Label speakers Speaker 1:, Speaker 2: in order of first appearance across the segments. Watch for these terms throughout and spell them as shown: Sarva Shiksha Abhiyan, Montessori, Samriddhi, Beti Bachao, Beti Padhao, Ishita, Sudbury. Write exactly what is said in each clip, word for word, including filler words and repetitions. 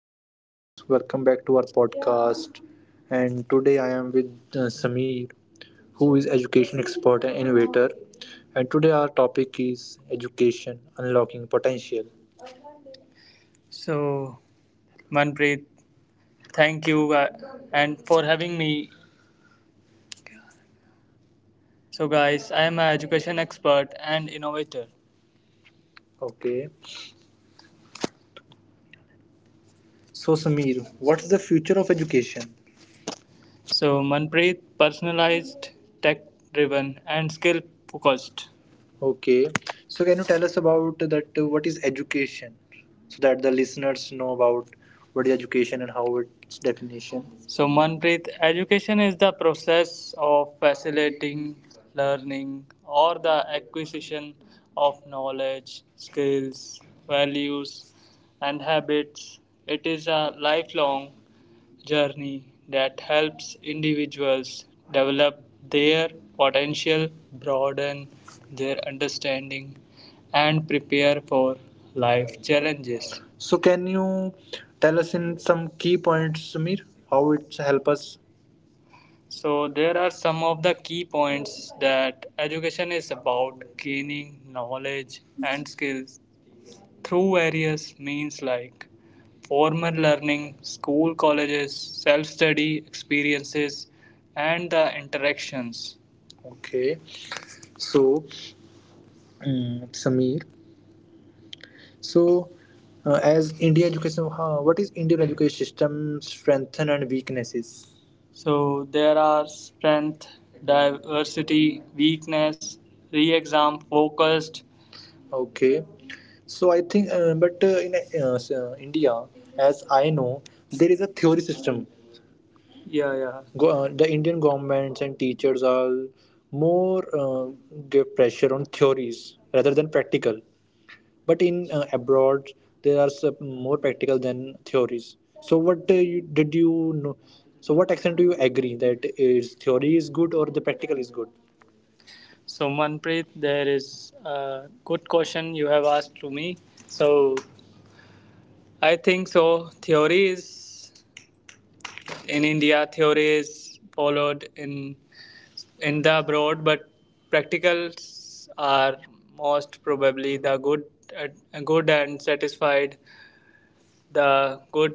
Speaker 1: hello guys, welcome back to our podcast. And today I am with uh, Sameer, who is education expert and innovator. And today our topic is education unlocking potential. So, Manpreet, thank you uh, and for having me. So, guys, I am an education expert and innovator. Okay. So, Sameer, what is the future of education? So Manpreet, personalized, tech driven, and skill focused. Okay. So can you tell us about that uh, what is education so that the listeners know about what is education and how its definition. So Manpreet, education is the process of facilitating learning or the acquisition of knowledge, skills, values, and habits. It is a lifelong journey that helps individuals develop their potential, broaden their understanding, and prepare for life challenges. So can you tell us in some key points, Sumir, how it helps us? So, there are some of the key points that education is about gaining knowledge and skills through various means like formal learning, school, colleges, self-study experiences, and the interactions. Okay, so um, Samir, so uh, as Indian education, huh, what is Indian education system strengths and weaknesses? So there are strength, diversity, weakness, re-exam focused. Okay, so I think, uh, but uh, in uh, s- uh, India, as I know, there is a theory system. Yeah, yeah. Go, uh, the Indian governments and teachers are more uh, give pressure on theories rather than practical. But in uh, abroad, there are some more practical than theories. So what uh, you, did you know? So what extent do you agree that is theory is good or the practical is good? So, Manpreet, there is a good question you have asked to me. So, I think so. Theory is in India, theory is followed in in the abroad, but practicals are most probably the good, uh, good and satisfied the good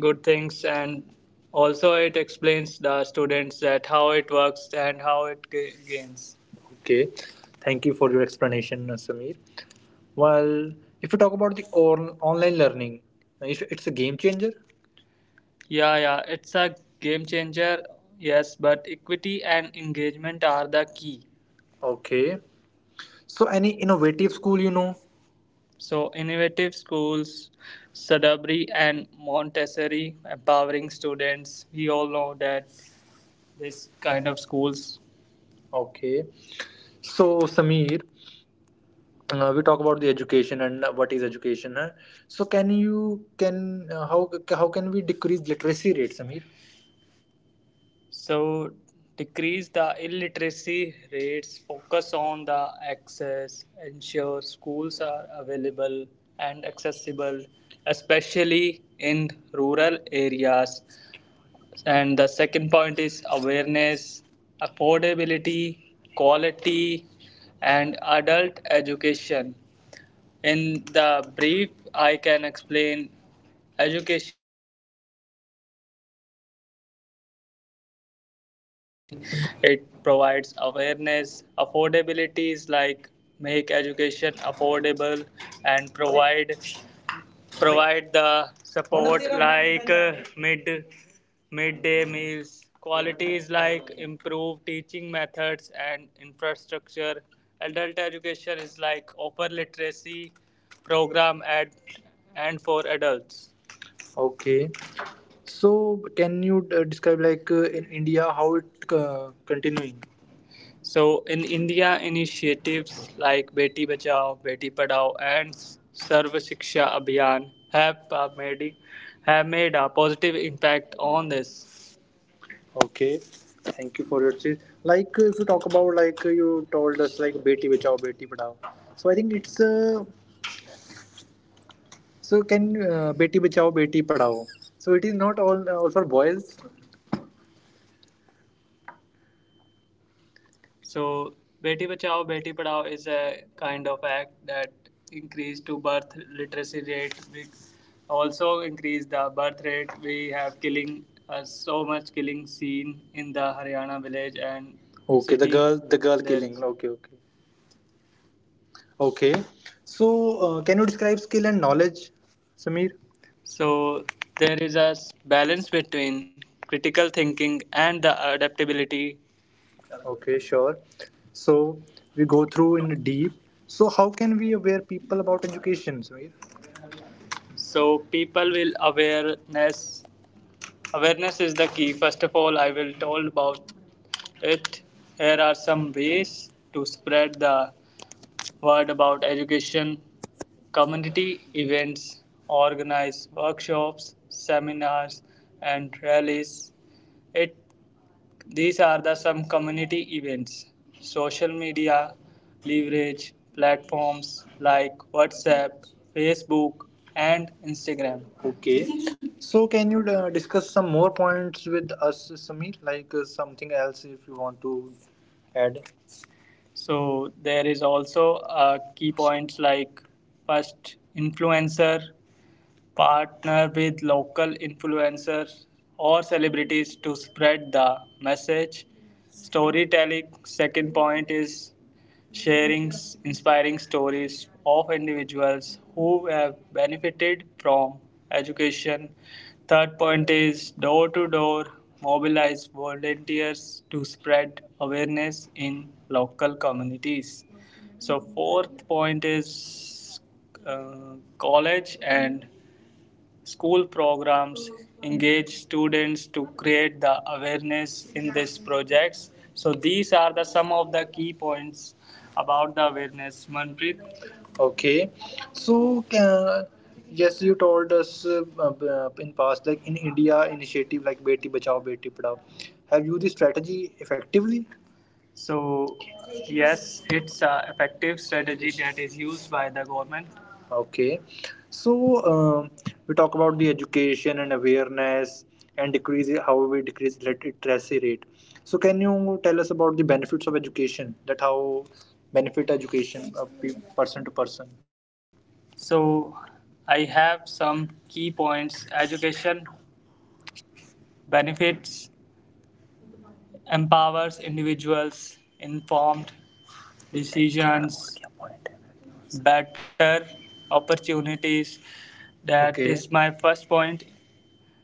Speaker 1: good things, and also it explains the students that how it works and how it ga- gains. Okay, thank you for your explanation, uh, Samir. Well, if you talk about the on- online learning, uh, it's it's a game changer. Yeah, yeah, it's a game changer, yes, but equity and engagement are the key. Okay, so any innovative school you know? So, innovative schools, Sudbury and Montessori, empowering students. We all know that this kind of schools. Okay. So, Sameer, uh, we talk about the education and uh, what is education. Huh? So, can you can uh, how how can we decrease literacy rate, Sameer? So, decrease the illiteracy rates, focus on the access, ensure schools are available and accessible, especially in rural areas. And the second point is awareness, affordability, quality, and adult education. In the brief, I can explain education.
Speaker 2: It provides awareness, affordabilities like make education affordable and provide provide the support like uh, mid midday meals. Qualities like improve teaching methods and infrastructure. Adult education is like offer literacy program at and for adults. Okay. So can you uh, describe like uh, in India how it uh, continuing? So in India, initiatives like Beti Bachao, Beti Padhao, and Sarva Shiksha Abhiyan have uh, made have made a positive impact on this. Okay, thank you for your cheese. Like uh, if you talk about like uh, you told us like Beti Bachao Beti Padhao. So I think it's uh, so can uh, Beti Bachao Beti Padhao. So it is not all all for boys. So, Beti Bachao, Beti Padhao is a kind of act that increase to birth literacy rate. We also increase the birth rate. We have killing uh, so much killing scene in the Haryana village and okay, the city. Girl, the girl, there's killing. Okay, okay, okay. So, uh, can you describe skill and knowledge, Sameer? So there is a s- balance between critical thinking and the adaptability. Okay, sure. So we go through in deep. So how can we aware people about education, Sameer? So people will awareness awareness is the key. First of all, I will told about it. Here are some ways to spread the word about education. Community events, organize workshops, seminars, and rallies. It these are the some community events. Social media, leverage platforms like WhatsApp, Facebook, and Instagram. Okay. So, can you uh, discuss some more points with us, Sameer? Like uh, something else if you want to add? So there is also uh, key points like first, influencer, partner with local influencers or celebrities to spread the message. Storytelling, second point is sharing inspiring stories of individuals who have benefited from education. Third point is door to door, mobilize volunteers to spread awareness in local communities. So, fourth point is uh, college and school programs, engage students to create the awareness in these projects. So these are the some of the key points about the awareness, Manpreet. Okay, so uh, yes, you told us uh, uh, in past, like in India, initiative like Beti Bachao Beti Padhao. Have used this strategy effectively? So, yes, it's an effective strategy that is used by the government. Okay, so um, we talk about the education and awareness and decrease how we decrease lit- literacy rate. So can you tell us about the benefits of education? That how benefit education of pe- person to person. So, I have some key points. Education benefits, empowers individuals, informed decisions, better opportunities. That is okay, is my first point,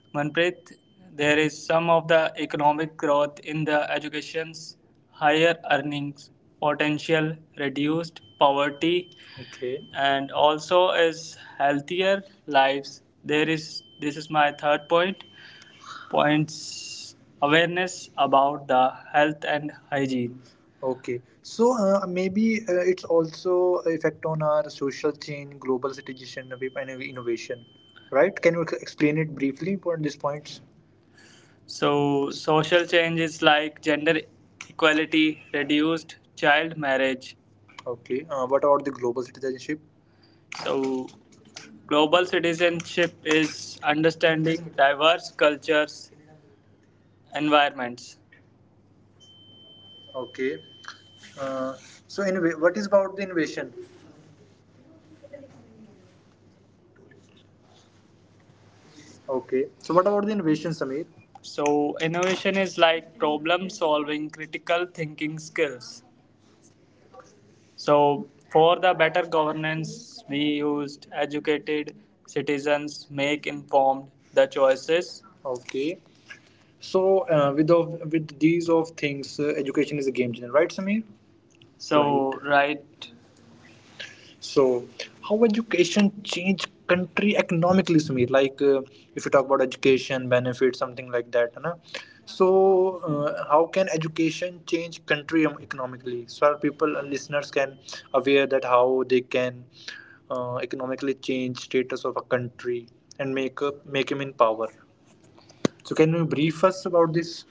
Speaker 2: Manpreet. There is some of the economic growth in the education's higher earnings potential, reduced poverty. Okay, and also is healthier lives. There is, this is my third point, points awareness about the health and hygiene. Okay, so uh, maybe uh, it's also effect on our social change, global citizenship, and innovation, right? Can you ex- explain it briefly on these points? So social changes like gender equality, reduced child marriage. Okay, uh, what about the global citizenship? So global citizenship is understanding diverse cultures, environments. Okay. Uh, so, anyway, what is about the innovation? Okay. So, what about the innovation, Sameer? So, innovation is like problem solving, critical thinking skills. So, for the better governance, we used educated citizens, make informed the choices. Okay. So, uh, with of with these of things, uh, education is a game changer, right, Samir? Right. So, right right So, how education change country economically, Samir? Like, uh, if you talk about education benefits, something like that, na? So, uh, how can education change country em- economically? So, our people and listeners can aware that how they can uh, economically change status of a country and make up make him in power. So, can you brief us about this?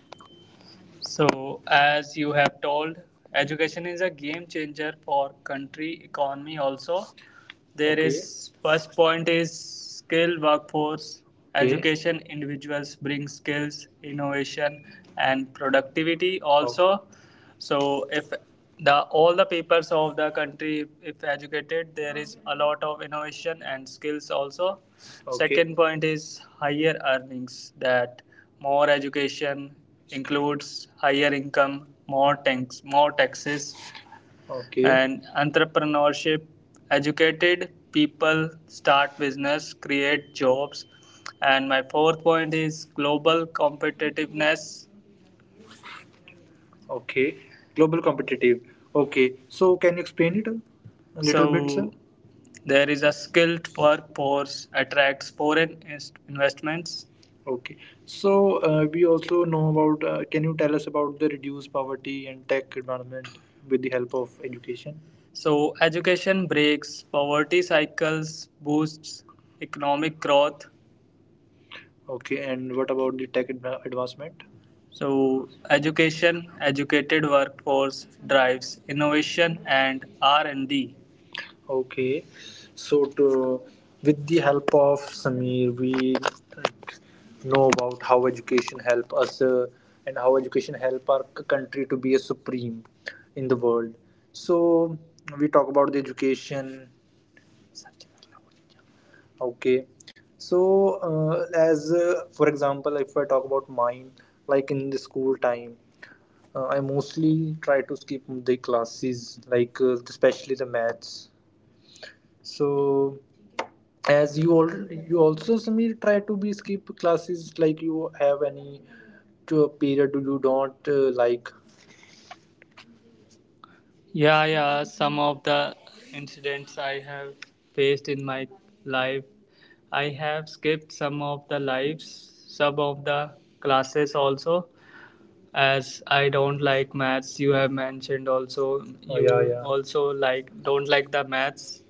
Speaker 2: So, as you have told, education is a game changer for country economy also. There okay, is first point is skill workforce. Okay. Education individuals bring skills, innovation and productivity. Oh, also. Okay. So if the all the peoples of the country if educated, there is a lot of innovation and skills also. Okay. Second point is higher earnings, that more education includes higher income, more tax, more taxes, okay, and entrepreneurship. Educated people start business, create jobs, and my fourth point is global competitiveness. Okay. Global competitive. Okay. So can you explain it a a little bit, sir? So there is a skilled workforce attracts foreign inst- investments. Okay. So uh, we also know about. Uh, can you tell us about the reduced poverty and tech environment with the help of education? So education breaks poverty cycles, boosts economic growth. Okay, and what about the tech adva- advancement? So, education, educated workforce drives innovation and R and D. Okay, so to, with the help of Samir, we, like, know about how education help us uh, and how education help our c- country to be a supreme in the world. So we talk about the education. Okay. So, uh, as uh, for example, if I talk about mine, like in the school time, uh, I mostly try to skip the classes, like uh, especially the maths. So, as you all, you also Samir try to be skip classes, like you have any to a period you don't uh, like. Yeah, yeah, some of the incidents I have faced in my life. I have skipped some of the lives, some of the classes also, as I don't like maths. You have mentioned also, oh you yeah, yeah, also like don't like the maths.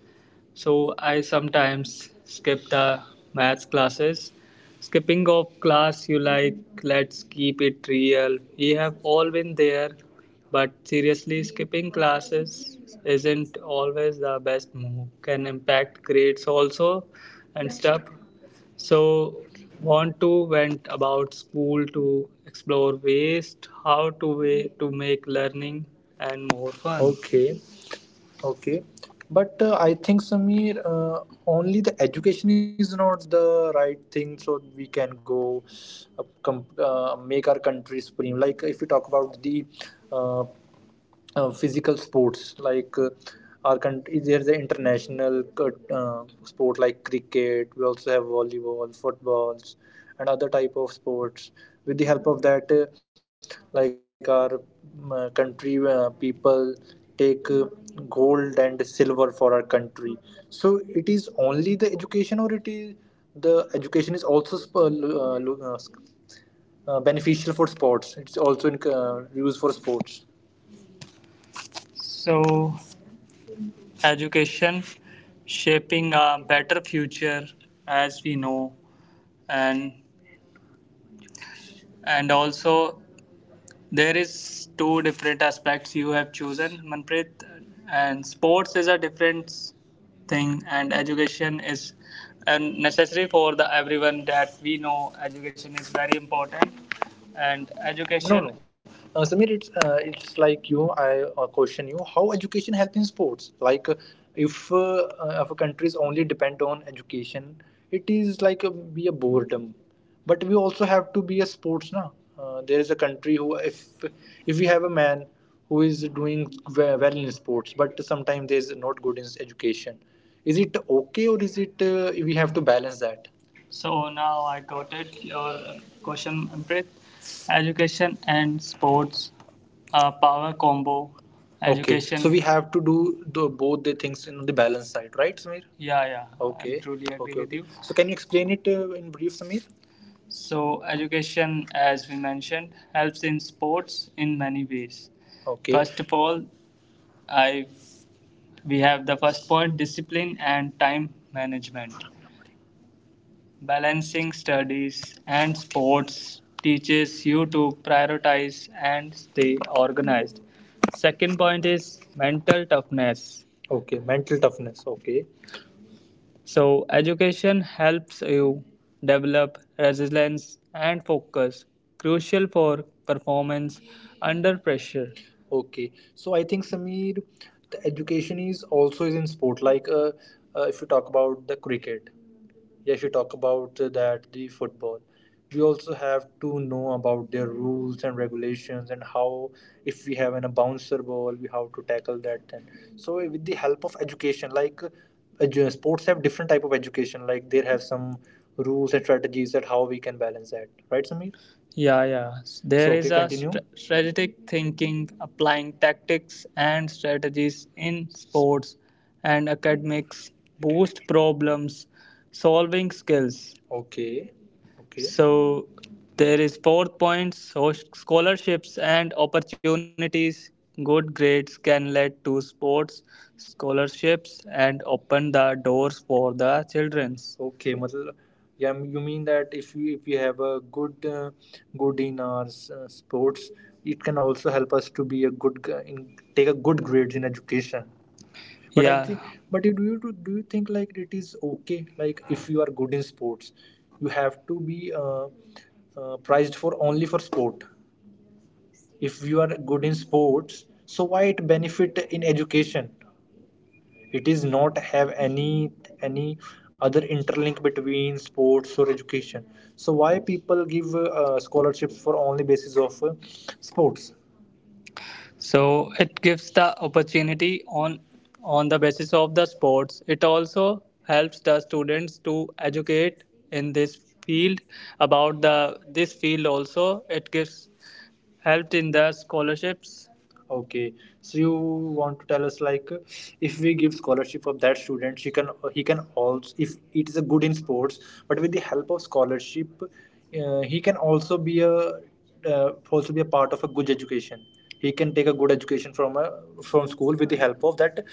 Speaker 2: So I sometimes skip the maths classes. Skipping of class you like, let's keep it real. We have all been there, but seriously, skipping classes isn't always the best move. Can impact grades also and stuff. So want to went about school to explore ways how to way to make learning and more fun. Okay. Okay, but uh, I think Samir, uh, only the education is not the right thing, so we can go uh, com- uh, make our country supreme. Like if we talk about the uh, uh, physical sports, like uh, our country, there's an international uh, uh, sport like cricket, we also have volleyball, footballs and other type of sports. With the help of that uh, like our um, uh, country uh, people take uh, gold and silver for our country. So it is only the education, or it is the education is also sp- uh, lo- uh, lo- uh, s- uh, beneficial for sports, it's also in, uh, used for sports. So education shaping a better future, as we know, and and also there is two different aspects you have chosen, Manpreet, and sports is a different thing, and education is and necessary for the everyone that we know. Education is very important, and no, education no. Uh, Samir, it's uh, it's like you. I uh, question you. How education help in sports? Like, uh, if uh, uh, if a countries only depend on education, it is like a, be a boredom, but we also have to be a sports now. Uh, there is a country who if if we have a man who is doing ve- well in sports but sometimes there is not good in education, is it okay, or is it uh, we have to balance that? So now I got it. Your question, Amrit. Education and sports, uh, power combo. Education. Okay, so we have to do the, both the things in the balance side, right Sameer? Yeah, yeah. I okay I truly agree okay with okay you. So can you explain it uh, in brief Sameer? So education, as we mentioned, helps in sports in many ways. Okay. First of all, I we have the first point, discipline and time management. Balancing studies and sports teaches you to prioritize and stay organized. Second point is mental toughness. Okay. Mental toughness. Okay. So, education helps you develop resilience and focus, crucial for performance under pressure. Okay, so I think Samir, the education is also is in sport. Like uh, uh, if you talk about the cricket, yeah, if you talk about uh, that, the football, we also have to know about their rules and regulations and how, if we have an, a bouncer ball, we have to tackle that. Then, so eh, with the help of education, like uh, edu- sports have different type of education, like they have some rules and strategies that how we can balance that, right, Samir? Yeah, yeah. S- There So, is okay, a continue. St- strategic thinking, applying tactics and strategies in sports and academics, boost problems, solving skills. Okay. Okay. So there is fourth point, so scholarships and opportunities. Good grades can lead to sports scholarships and open the doors for the childrens. Okay, मतलब yeah, you mean that if we if we have a good uh, good in our uh, sports, it can also help us to be a good g- in take a good grades in education. But I yeah think, but do you do do you think like it is okay? Like if you are good in sports, you have to be uh, uh, prized for only for sport. If you are good in sports, so why it benefit in education? It is not have any any other interlink between sports or education. So why people give uh, scholarships for only basis of uh, sports? So it gives the opportunity on on the basis of the sports. It also helps the students to educate in this field, about the this field. Also it gives helped in the scholarships. Okay, so you want to tell us like if we give scholarship of that student, she can he can also, if it is a good in sports, but with the help of scholarship, uh, he can also be a uh, also be a part of a good education. He can take a good education from a from school with the help of that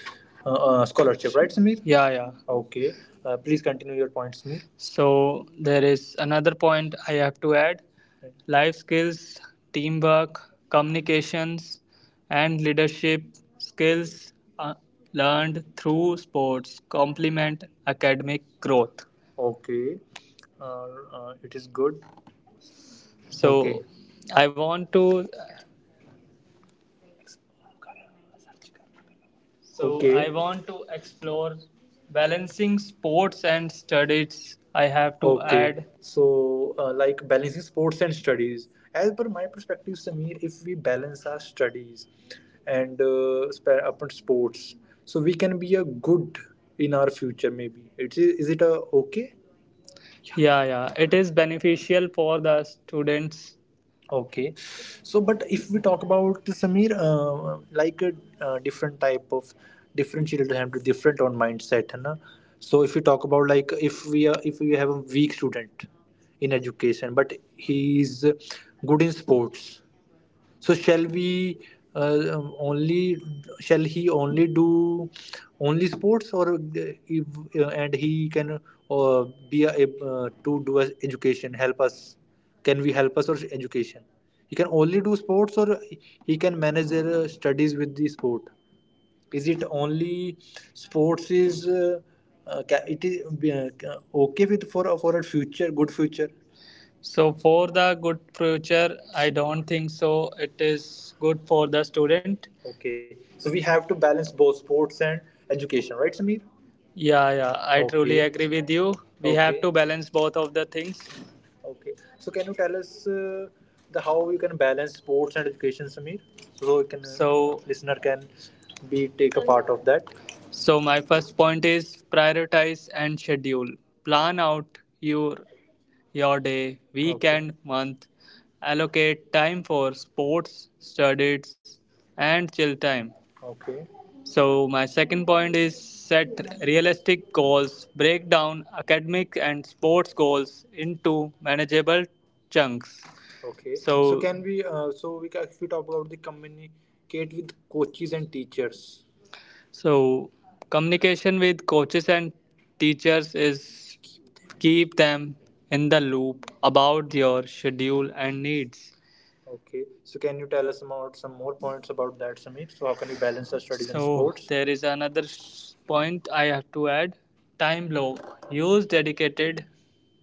Speaker 2: uh, uh, scholarship, right, Samir? Yeah, yeah. Okay, uh, please continue your points, Samir. So there is another point I have to add. Life skills, teamwork, communications, and leadership skills uh, learned through sports complement academic growth. Okay. Uh, uh, it is good. So, okay. I want to So Okay. I want to explore balancing sports and studies. I have to, okay, add. So, uh, like balancing sports and studies. As per my perspective, Sameer, if we balance our studies and uh, sp- upon sports, so we can be a good in our future. Maybe it is. Is it a okay? Yeah, yeah, it is beneficial for the students. Okay. So, but if we talk about Samir, uh, like a uh, different type of different children have different on mindset, है ना? So, if we talk about like if we are if we have a weak student in education, but he is good in sports, so shall we uh, um, only shall he only do only sports or uh, if, uh, and he can uh, be a, uh, to do us education help us can we help us or education, he can only do sports, or he can manage their uh, studies with the sport? Is it only sports is uh, uh, it is uh, okay with, for for a future, good future? So for the good future, I don't think so. It is good for the student. Okay. So we have to balance both sports and education, right, Sameer? Yeah, yeah, I, okay, truly, okay, agree with you. We, okay, have, okay, to balance both of the things. Okay. So can you tell us uh, the how you can balance sports and education, Sameer? So we can So uh, listener can be take a part of that. So, my first point is prioritize and schedule. Plan out your your day, okay, weekend, month. Allocate time for sports, studies, and chill time. Okay. So, my second point is set realistic goals. Break down academic and sports goals into manageable chunks. Okay. So, so, can we? Uh, so we ca- if we talk about the communicate with coaches and teachers. So, communication with coaches and teachers is keep them in the loop about your schedule and needs. Okay. So can you tell us about some more points about that, Samir? So how can we balance our studies so and sports? So there is another point I have to add. Time block. Use dedicated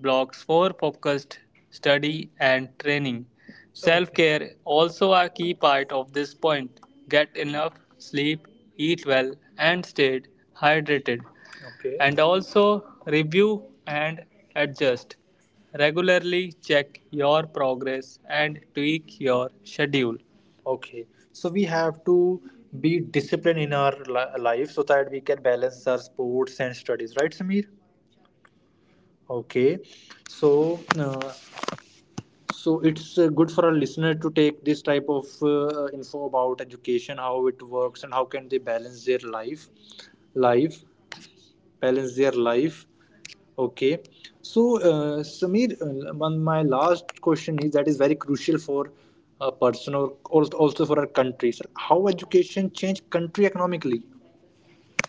Speaker 2: blocks for focused study and training. Self, okay, care, also a key part of this point. Get enough sleep, eat well, and stay hydrated. Okay. And also review and adjust. Regularly check your progress and tweak your schedule. Okay, so we have to be disciplined in our li- life so that we can balance our sports and studies, right, Samir? Okay, so uh, so it's uh, good for our listener to take this type of uh, info about education, how it works, and how can they balance their life life balance their life. Okay. So uh, Sameer, uh, my last question is that is very crucial for a person or al- also for our country sir, how education change country economically.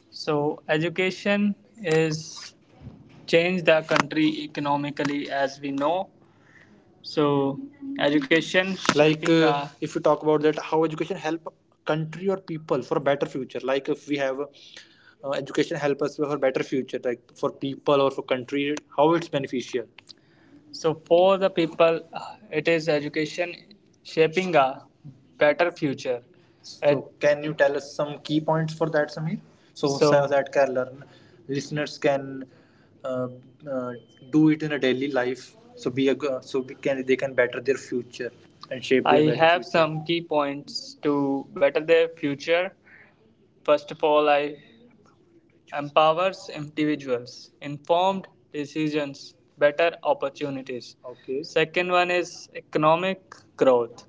Speaker 2: So, education is change the country economically, as we know. So, education like shaping uh, if you talk about that how education help country or people for better future. Like if we have uh, education help us for better future, like for people or for country, how it's beneficial. So for the people, it is education shaping a better future. So At, can you tell us some key points for that, Sameer? So, so So that can learn, listeners can uh, uh, do it in a daily life. So be a, so we can, they can better their future and shape I their better have future. Some key points to better their future. First of all, I empowers individuals, informed decisions, better opportunities. Okay. Second one is economic growth,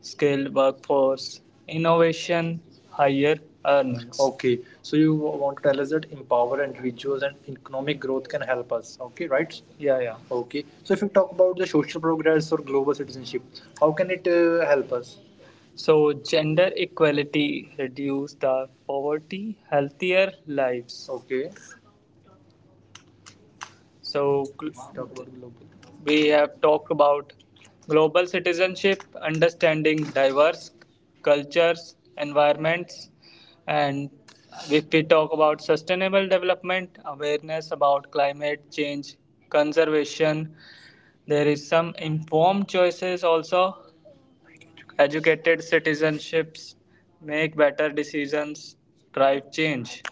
Speaker 2: skilled workforce, innovation, higher earnings. Okay. So you want to tell us that empower individuals and economic growth can help us. Okay, right? Yeah, yeah. Okay. So if you talk about the social progress or global citizenship, how can it uh, help us? So gender equality, reduce the poverty, healthier lives. Okay. So we have talked about global citizenship, understanding diverse cultures, environments, and if we talk about sustainable development, awareness about climate change, conservation, there is some informed choices also. Educated citizenships make better decisions, drive change.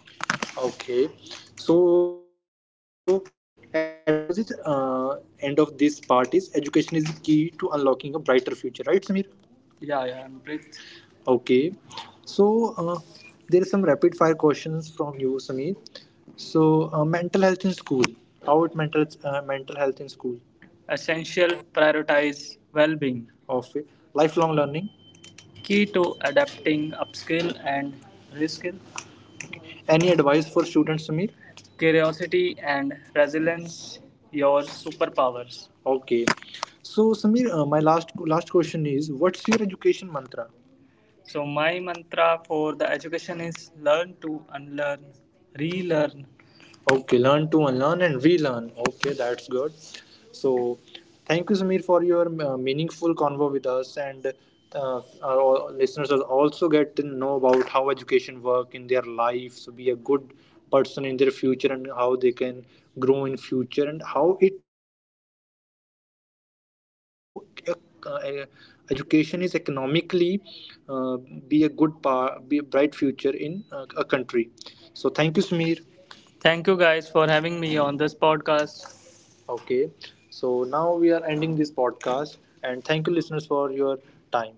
Speaker 2: Okay, so at the end of this uh, end of this part is education is the key to unlocking a brighter future, right, Samir? Yeah, yeah, I'm Amrit. Okay, so uh, there are some rapid fire questions from you, Samir. So uh, mental health in school, how it mental uh, mental health in school. Essential, prioritize well being. Of it, lifelong learning. Key to adapting, upskill and reskill. Any advice for students, Samir? Curiosity and resilience, your superpowers. Okay. So, Samir, uh, my last last question is, what's your education mantra? So my mantra for the education is learn to unlearn, relearn. Okay, learn to unlearn and relearn. Okay, that's good. So, thank you, Samir, for your uh, meaningful convo with us. And uh, our all- listeners will also get to know about how education work in their life, so be a good person in their future, and how they can grow in future, and how it firstly and very crucial is how uh, uh, education is economically uh, be a good pa- be a bright future in uh, a country. So, thank you, Samir. Thank you guys for having me on this podcast. Okay, so now we are ending this podcast, and thank you, listeners, for your time.